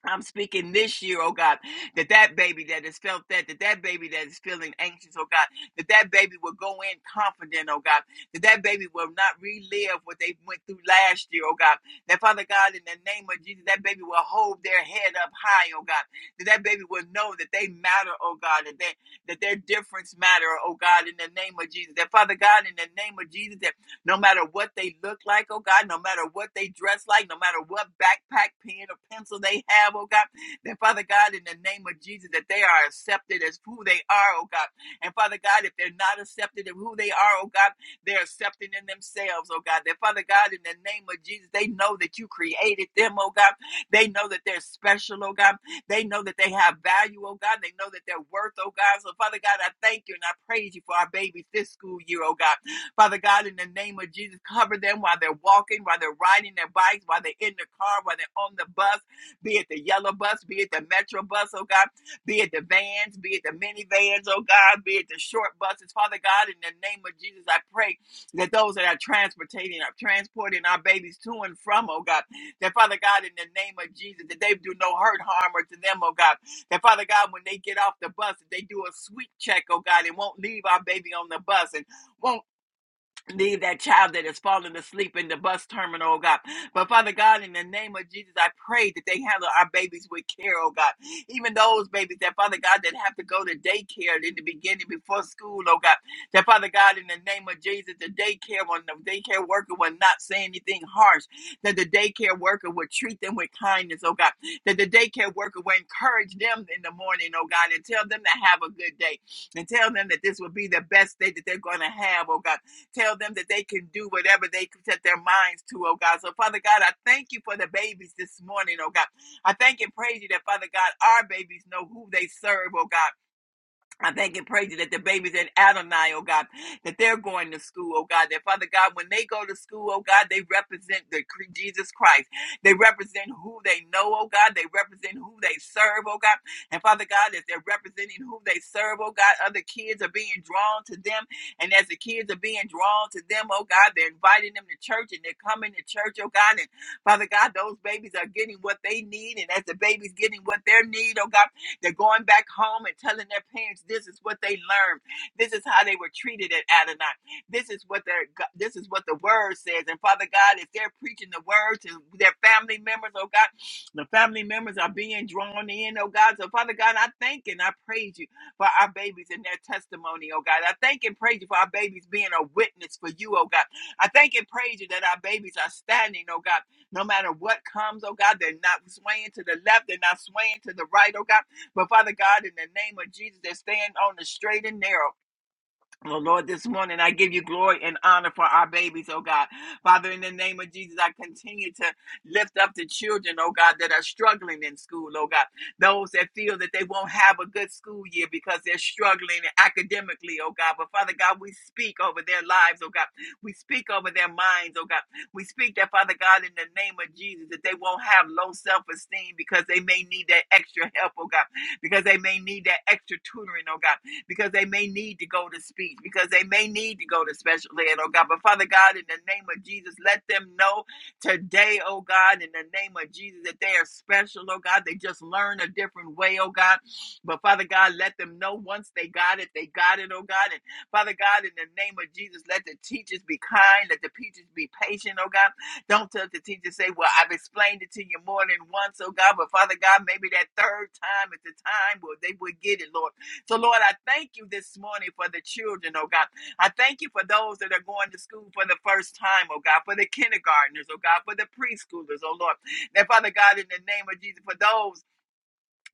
D: I'm speaking this year, oh God, that that baby that has felt that, that that baby that is feeling anxious, oh God, that that baby will go in confident, oh God, that that baby will not relive what they went through last year, oh God, that Father God, in the name of Jesus, that baby will hold their head up high, oh God, that that baby will know that they matter, oh God, that they, that their difference matter, oh God, in the name of Jesus, that Father God, in the name of Jesus, that no matter what they look like, oh God, no matter what they dress like, no matter what backpack, pen, or pencil they have, oh God, that Father God, in the name of Jesus, that they are accepted as who they are, oh God. And Father God, if they're not accepted of who they are, oh God, they're accepting in themselves, oh God. That Father God, in the name of Jesus, they know that you created them, oh God. They know that they're special, oh God. They know that they have value, oh God. They know that they're worth, oh God. So Father God, I thank you and I praise you for our babies this school year, oh God. Father God, in the name of Jesus, cover them while they're walking, while they're riding their bikes, while they're in the car, while they're on the bus, be it the yellow bus, be it the metro bus, oh God, be it the vans, be it the minivans, oh God, be it the short buses. Father God, in the name of Jesus, I pray that those that are transporting, are transporting our babies to and from, oh God, that Father God, in the name of Jesus, that they do no hurt, harm, or to them, oh God, that Father God, when they get off the bus, that they do a sweet check, oh God, and won't leave our baby on the bus and won't Leave that child that has fallen asleep in the bus terminal, oh God. But Father God, in the name of Jesus, I pray that they handle our babies with care, oh God. Even those babies that, Father God, that have to go to daycare in the beginning before school, oh God. That, Father God, in the name of Jesus, the daycare one, the daycare worker will not say anything harsh. That the daycare worker will treat them with kindness, oh God. That the daycare worker will encourage them in the morning, oh God, and tell them to have a good day and tell them that this will be the best day that they're going to have, oh God Tell them that they can do whatever they can set their minds to, oh God. So, Father God, I thank you for the babies this morning, oh God. I thank and praise you that, Father God, our babies know who they serve, oh God. I thank and praise you that the babies in Adonai, oh God, that they're going to school, oh God, that Father God, when they go to school, oh God, they represent the cre- Jesus Christ. They represent who they know, oh God. They represent who they serve, oh God. And Father God, as they're representing who they serve, oh God, other kids are being drawn to them. And as the kids are being drawn to them, oh God, they're inviting them to church and they're coming to church, oh God. And Father God, those babies are getting what they need. And as the babies getting what they need, oh God, they're going back home and telling their parents this is what they learned. This is how they were treated at Adonai. This is what their this is what the word says. And Father God, if they're preaching the word to their family members, oh God, the family members are being drawn in, oh God. So Father God, I thank and I praise you for our babies and their testimony, oh God. I thank and praise you for our babies being a witness for you, oh God. I thank and praise you that our babies are standing, oh God. No matter what comes, oh God, they're not swaying to the left, they're not swaying to the right, oh God. But Father God, in the name of Jesus, that stand on the straight and narrow. Well, Lord, this morning I give you glory and honor for our babies, oh God. Father, in the name of Jesus, I continue to lift up the children, oh God, that are struggling in school, oh God. Those that feel that they won't have a good school year because they're struggling academically, oh God. But Father God, we speak over their lives, oh God. We speak over their minds, oh God. We speak that, Father God, in the name of Jesus, that they won't have low self esteem because they may need that extra help, oh God, because they may need that extra tutoring, oh God because they may need to go to speech, because they may need to go to special ed, oh God. But Father God, in the name of Jesus, let them know today, oh God, in the name of Jesus, that they are special, oh God. They just learn a different way, oh God. But Father God, let them know once they got it, they got it, oh God. And Father God, in the name of Jesus, let the teachers be kind, let the teachers be patient, oh God. Don't tell the teacher, say, Well, I've explained it to you more than once, oh God. But Father God, maybe that third time is the time where they would get it, Lord. So, Lord, I thank you this morning for the children, oh God. I thank you for those that are going to school for the first time, oh God, for the kindergartners, oh God, for the preschoolers, oh Lord. Now, Father God, in the name of Jesus, for those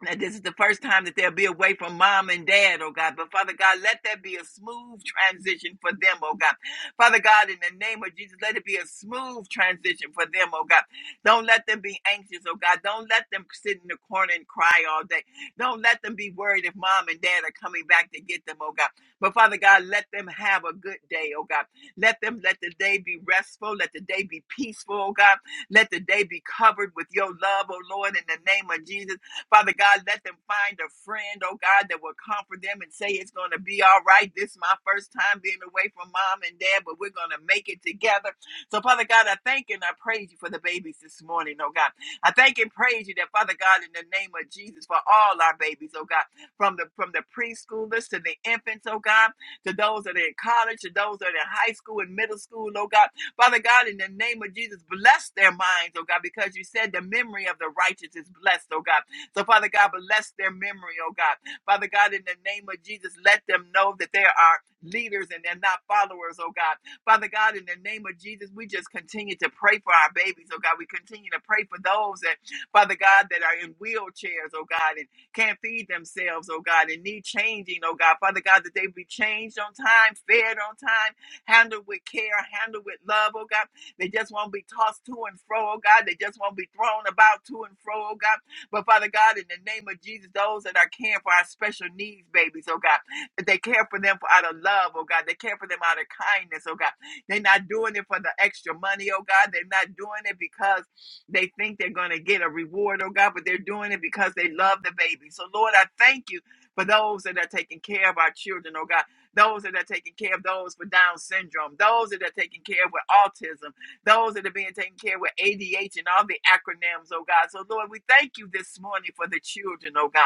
D: that this is the first time that they'll be away from mom and dad, oh God. But Father God, let that be a smooth transition for them, oh God. Father God, in the name of Jesus, let it be a smooth transition for them, oh God. Don't let them be anxious, oh God. Don't let them sit in the corner and cry all day. Don't let them be worried if mom and dad are coming back to get them, oh God. But Father God, let them have a good day, oh God. Let them let the day be restful. Let the day be peaceful, oh God. Let the day be covered with your love, oh Lord, in the name of Jesus. Father God, let them find a friend, oh God, that will comfort them and say it's going to be all right. This is my first time being away from mom and dad, but we're going to make it together. So, Father God, I thank and I praise you for the babies this morning, oh God. I thank and praise you that, Father God, in the name of Jesus, for all our babies, oh God, from the from the preschoolers to the infants, oh God, to those that are in college, to those that are in high school and middle school, oh God. Father God, in the name of Jesus, bless their minds, oh God, because you said the memory of the righteous is blessed, oh God. So, Father God, bless their memory, oh God. Father God, in the name of Jesus, let them know that they are leaders and they're not followers, oh God. Father God, in the name of Jesus, we just continue to pray for our babies, oh God. We continue to pray for those that, Father God, that are in wheelchairs, oh God, and can't feed themselves, oh God, and need changing, oh God. Father God, that they be changed on time, fed on time, handled with care, handled with love, oh God. They just won't be tossed to and fro, oh God. They just won't be thrown about to and fro, oh God. But Father God, in the name of Jesus, those that are caring for our special needs babies, oh God, that they care for them for out of love, oh God, they care for them out of kindness, oh God. They're not doing it for the extra money, oh God. They're not doing it because they think they're going to get a reward, oh God, but they're doing it because they love the baby. So, Lord, I thank you for those that are taking care of our children, oh God. Those that are taking care of those with Down syndrome, those that are taking care of with autism, those that are being taken care of with ADH and all the acronyms, oh God. So, Lord, we thank you this morning for the children, oh God.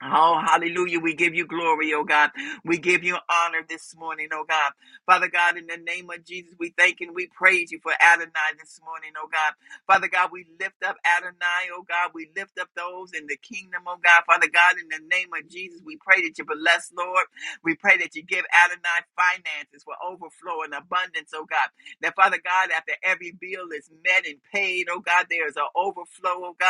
D: Oh, hallelujah. We give you glory, oh God. We give you honor this morning, oh God. Father God, in the name of Jesus, we thank and we praise you for Adonai this morning, oh God. Father God, we lift up Adonai, oh God. We lift up those in the kingdom, oh God. Father God, in the name of Jesus, we pray that you bless, Lord. We pray that you give Adonai finances for overflow and abundance, oh God. That Father God, after every bill is met and paid, oh God, there is an overflow, oh God.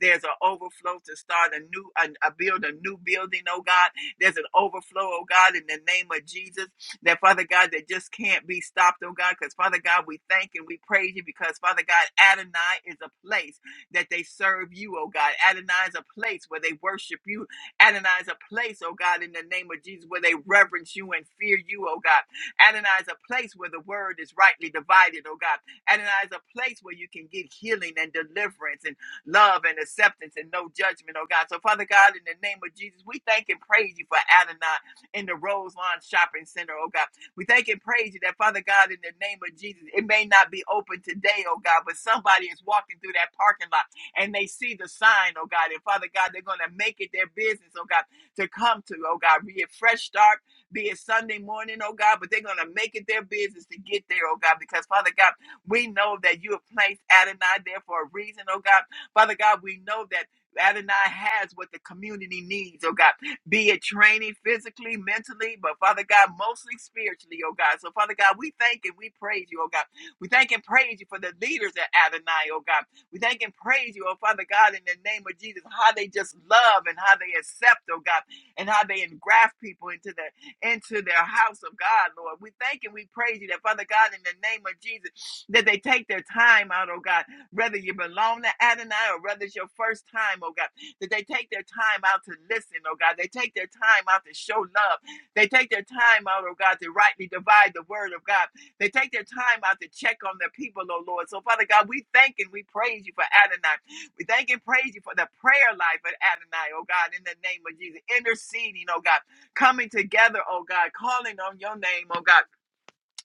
D: There's an overflow to start a new, a, a build a new building, oh God. There's an overflow, oh God, in the name of Jesus. That Father God, that just can't be stopped, oh God. Because Father God, we thank and we praise you because Father God, Adonai is a place that they serve you, oh God. Adonai is a place where they worship you. Adonai is a place, oh God, in the name of Jesus, where they reverence you and fear you, oh God. Adonai is a place where the word is rightly divided, oh God. Adonai is a place where you can get healing and deliverance. and love and acceptance and no judgment, oh God. So, Father God, in the name of Jesus, we thank and praise you for Adonai in the Rose Lawn Shopping Center, oh God. We thank and praise you that, Father God, in the name of Jesus, it may not be open today, oh God, but somebody is walking through that parking lot and they see the sign, oh God. And Father God, they're going to make it their business, oh God, to come to, oh God, be it fresh start, be it Sunday morning, oh God, but they're going to make it their business to get there, oh God, because Father God, we know that you have placed Adonai there for a reason, oh God. Father God, we know that Adonai has what the community needs, oh God, be it training physically, mentally, but Father God, mostly spiritually, oh God. So, Father God, we thank and we praise you, oh God. We thank and praise you for the leaders at Adonai, oh God. We thank and praise you, oh Father God, in the name of Jesus, how they just love and how they accept, oh God, and how they engraft people into the into their house of God, Lord. We thank and we praise you that, Father God, in the name of Jesus, that they take their time out, oh God whether you belong to Adonai or whether it's your first time, oh God, that they take their time out to listen, oh God. They take their time out to show love. They take their time out, oh God, to rightly divide the word of God. They take their time out to check on their people, oh Lord. So, Father God, we thank and we praise you for Adonai. We thank and praise you for the prayer life of Adonai, oh God, in the name of Jesus. Interceding, oh God. Coming together, oh God. Calling on your name, oh God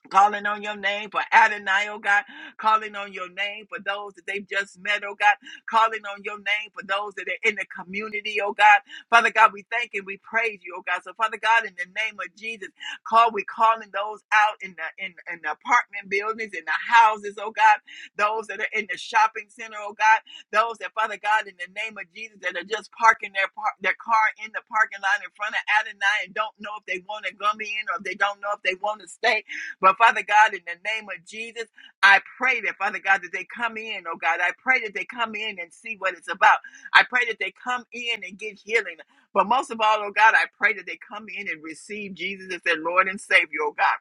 D: Calling on your name for Adonai, oh God. Calling on your name for those that they've just met, oh God. Calling on your name for those that are in the community, oh God. Father God, we thank and we praise you, oh God. So Father God, in the name of Jesus, call we calling those out in the in, in the apartment buildings, in the houses, oh God. Those that are in the shopping center, oh God. Those that Father God, in the name of Jesus, that are just parking their par- their car in the parking lot in front of Adonai and don't know if they want to come in or if they don't know if they want to stay. But Father God, in the name of Jesus, I pray that Father God that they come in, oh God. I pray that they come in and see what it's about. I pray that they come in and get healing. But most of all, oh God, I pray that they come in and receive Jesus as their Lord and Savior, oh God.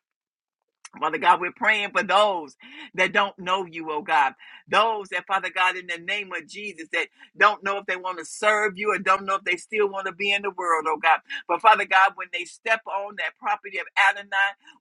D: Father God, we're praying for those that don't know you, oh God. Those that, Father God, in the name of Jesus, that don't know if they want to serve you or don't know if they still want to be in the world, oh God. But Father God, when they step on that property of Adonai,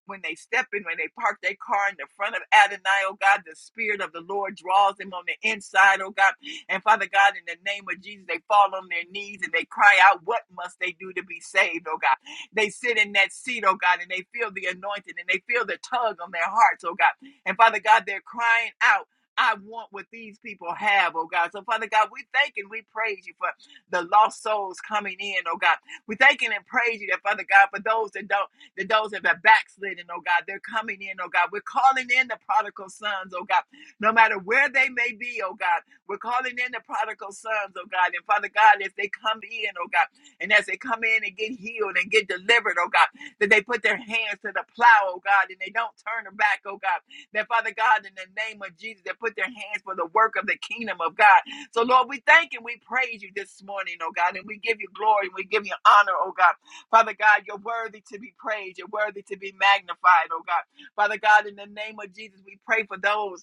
D: when they step in, when they park their car in the front of Adonai, oh God, the Spirit of the Lord draws them on the inside, oh God. And Father God, in the name of Jesus, they fall on their knees and they cry out, What must they do to be saved, oh God? They sit in that seat, oh God, and they feel the anointing and they feel the tug on their hearts, oh God. And Father God, they're crying out. I want what these people have, oh God. So, Father God, we thank and we praise you for the lost souls coming in, oh God. We thank and praise you that, Father God, for those that don't, that those that have backslidden, oh God, they're coming in, oh God. We're calling in the prodigal sons, oh God, no matter where they may be, oh God. We're calling in the prodigal sons, oh God. And Father God, if they come in, oh God. And as they come in and get healed and get delivered, oh God, that they put their hands to the plow, oh God, and they don't turn their back, oh God. That Father God, in the name of Jesus, they put their hands for the work of the kingdom of God. So Lord, we thank and we praise you this morning, oh God, and we give you glory and we give you honor, oh God. Father God, you're worthy to be praised, you're worthy to be magnified, oh God. Father God, in the name of Jesus, we pray for those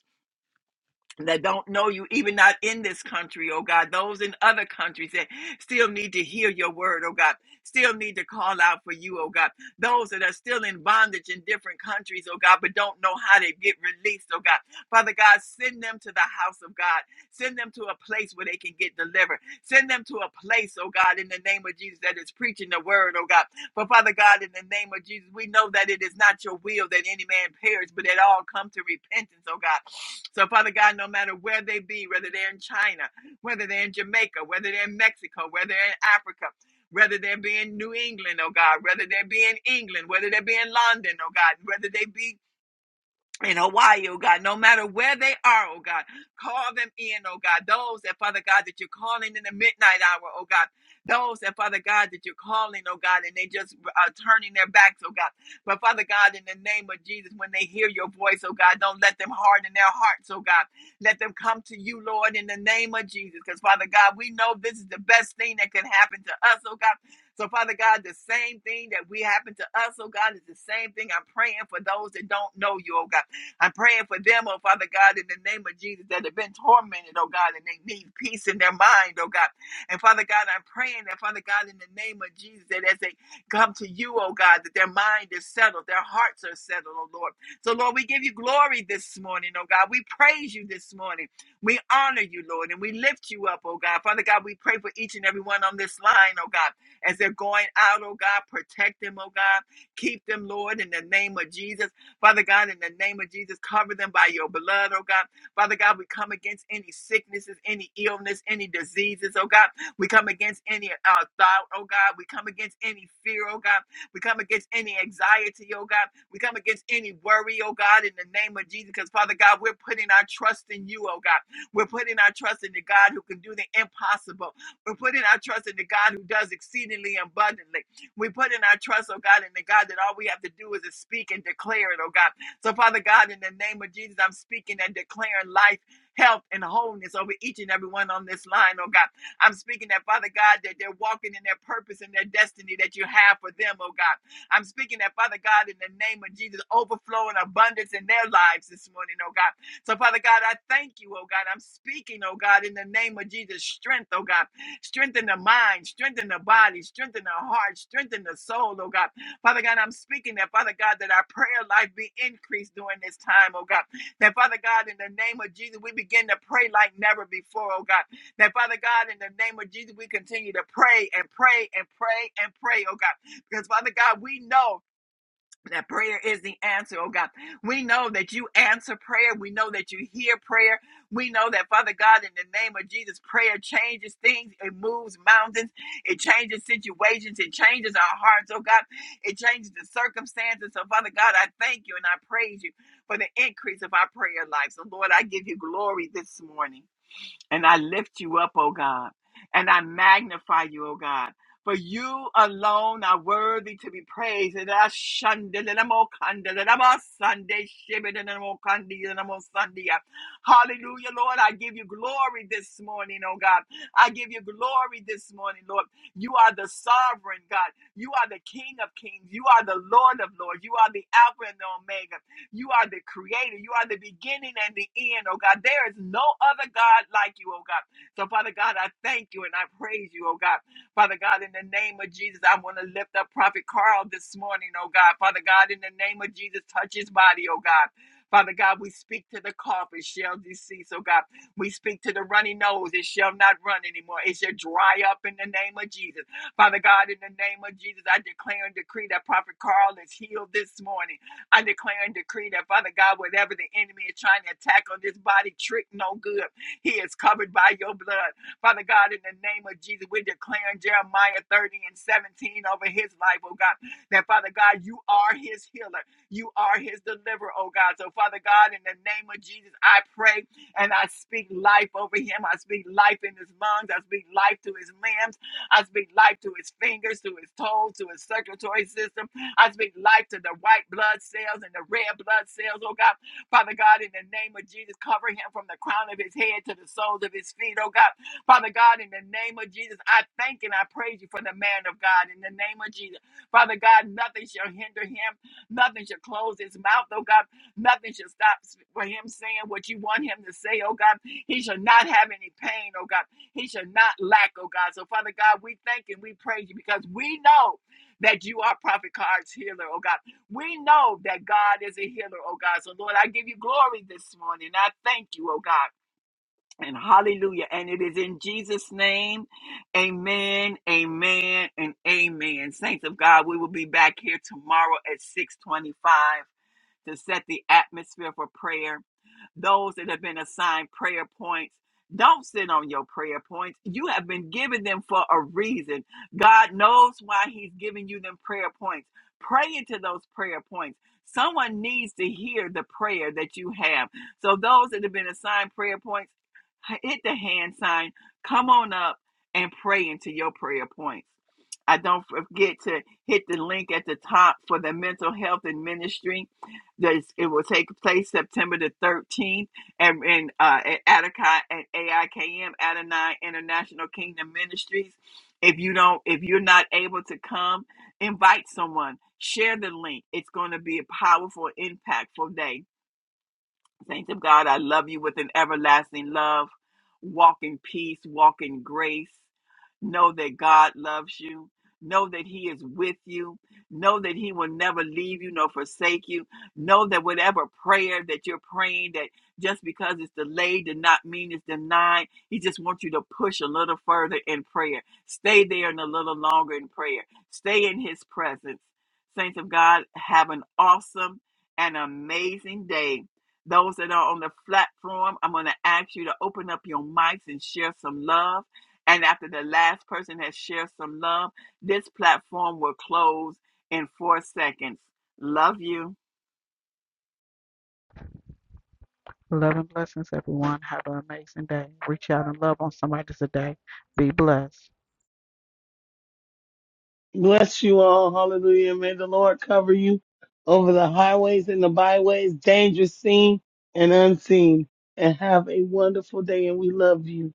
D: that don't know you, even not in this country, oh God, those in other countries that still need to hear your word, oh God, still need to call out for you, oh God, those that are still in bondage in different countries, oh God, but don't know how to get released, oh God. Father God, send them to the house of God, send them to a place where they can get delivered, send them to a place, oh God, in the name of Jesus that is preaching the word, oh God, but Father God, in the name of Jesus, we know that it is not your will that any man perish, but that all come to repentance, oh God. So, Father God, no matter where they be, whether they're in China, whether they're in Jamaica, whether they're in Mexico, whether they're in Africa, whether they be in New England, oh God, whether they be in England, whether they be in London, oh God, whether they be in Hawaii, oh God, no matter where they are, oh God, call them in, oh God. Those that, Father God, that you're calling in the midnight hour, oh God. Those that, Father God, that you're calling, oh God, and they just are turning their backs, oh God. But Father God, in the name of Jesus, when they hear your voice, oh God, don't let them harden their hearts, oh God. Let them come to you, Lord, in the name of Jesus. Because Father God, we know this is the best thing that can happen to us, oh God. So, Father God, the same thing that we happen to us, oh God, is the same thing I'm praying for those that don't know you, oh God. I'm praying for them, oh Father God, in the name of Jesus, that have been tormented, oh God, and they need peace in their mind, oh God. And Father God, I'm praying that, Father God, in the name of Jesus, that as they come to you, oh God, that their mind is settled, their hearts are settled, oh Lord. So, Lord, we give you glory this morning, oh God. We praise you this morning. We honor you, Lord, and we lift you up, oh God. Father God, we pray for each and every one on this line, oh God, as they're going out, oh God. Protect them, oh God. Keep them, Lord, in the name of Jesus. Father God, in the name of Jesus, cover them by your blood, oh God. Father God, we come against any sicknesses, any illness, any diseases, oh God. We come against any uh, thought, oh God. We come against any fear, oh God. We come against any anxiety, oh God. We come against any worry, oh God, in the name of Jesus. Because, Father God, we're putting our trust in you, oh God. We're putting our trust in the God who can do the impossible. We're putting our trust in the God who does exceedingly abundantly. We put in our trust, oh God, in the God that all we have to do is to speak and declare it, oh God. So, Father God, in the name of Jesus, I'm speaking and declaring life, health, and wholeness over each and every one on this line, oh God. I'm speaking that, Father God, that they're walking in their purpose and their destiny that you have for them, oh God. I'm speaking that, Father God, in the name of Jesus, overflow and abundance in their lives this morning, oh God. So, Father God, I thank you, oh God. I'm speaking, oh God, in the name of Jesus, strength, oh God. Strengthen the mind, strengthen the body, strengthen the heart, strengthen the soul, oh God. Father God, I'm speaking that, Father God, that our prayer life be increased during this time, oh God. That, Father God, in the name of Jesus, we begin to pray like never before, oh God. That, Father God, in the name of Jesus, we continue to pray and pray and pray and pray, oh God. Because, Father God, we know that prayer is the answer, oh God. We know that you answer prayer. We know that you hear prayer. We know that, Father God, in the name of Jesus, prayer changes things. It moves mountains. It changes situations. It changes our hearts, oh God. It changes the circumstances. So, Father God, I thank you and I praise you for the increase of our prayer life. So, Lord, I give you glory this morning. And I lift you up, O God, and I magnify you, O God. For you alone are worthy to be praised. And I shunned it, and I'm all I'm Sunday, shivered, and I'm all kind and I'm Sunday. Hallelujah, Lord. I give you glory this morning, oh God. I give you glory this morning, Lord. You are the sovereign God. You are the King of kings. You are the Lord of lords. You are the Alpha and the Omega. You are the creator. You are the beginning and the end, oh God. There is no other God like you, oh God. So, Father God, I thank you and I praise you, oh God. Father God, in the name of Jesus, I want to lift up Prophet Carl this morning, oh God. Father God, in the name of Jesus, touch his body, oh God. Father God, we speak to the cough, it shall decease, oh God. We speak to the runny nose, it shall not run anymore. It shall dry up in the name of Jesus. Father God, in the name of Jesus, I declare and decree that Prophet Carl is healed this morning. I declare and decree that, Father God, whatever the enemy is trying to attack on this body, trick no good. He is covered by your blood. Father God, in the name of Jesus, we're declaring Jeremiah 30 and 17 over his life, oh God, that, Father God, you are his healer. You are his deliverer, oh God. So, Father God, in the name of Jesus, I pray and I speak life over him. I speak life in his lungs. I speak life to his limbs. I speak life to his fingers, to his toes, to his circulatory system. I speak life to the white blood cells and the red blood cells, oh God. Father God, in the name of Jesus, cover him from the crown of his head to the soles of his feet, oh God. Father God, in the name of Jesus, I thank and I praise you for the man of God. In the name of Jesus, Father God, nothing shall hinder him, nothing shall close his mouth, oh God. Nothing shall stop for him saying what you want him to say, oh God. He shall not have any pain, oh God. He shall not lack, oh God. So, Father God, we thank and we praise you because we know that you are Prophet Card's healer, oh God. We know that God is a healer, oh God. So, Lord, I give you glory this morning. I thank you, oh God. And hallelujah. And it is in Jesus' name. Amen, amen, and amen. Saints of God, we will be back here tomorrow at 625 to set the atmosphere for prayer those that have been assigned prayer points. Don't sit on your prayer points. You have been given them for a reason. God knows why He's giving you them prayer points. Pray into those prayer points. Someone needs to hear the prayer that you have. So, those that have been assigned prayer points, hit the hand sign, come on up and pray into your prayer points. I don't forget to hit the link at the top for the mental health and ministry. This, it will take place September the 13th and in uh, at Attica at AIKM Adonai International Kingdom Ministries. If you don't, if you're not able to come, invite someone. Share the link. It's going to be a powerful, impactful day. Saints of God, I love you with an everlasting love. Walk in peace, walk in grace. Know that God loves you. Know that He is with you. Know that He will never leave you nor forsake you. Know that whatever prayer that you're praying, that just because it's delayed did not mean it's denied. He just wants you to push a little further in prayer. Stay there and a little longer in prayer. Stay in His presence. Saints of God, have an awesome and amazing day those that are on the platform, I'm going to ask you to open up your mics and share some love. And after the last person has shared some love, this platform will close in four seconds. Love you.
B: Love and blessings, everyone. Have an amazing day. Reach out and love on somebody today. Be blessed.
C: Bless you all, hallelujah. May the Lord cover you over the highways and the byways, dangerous seen and unseen. And have a wonderful day, and we love you.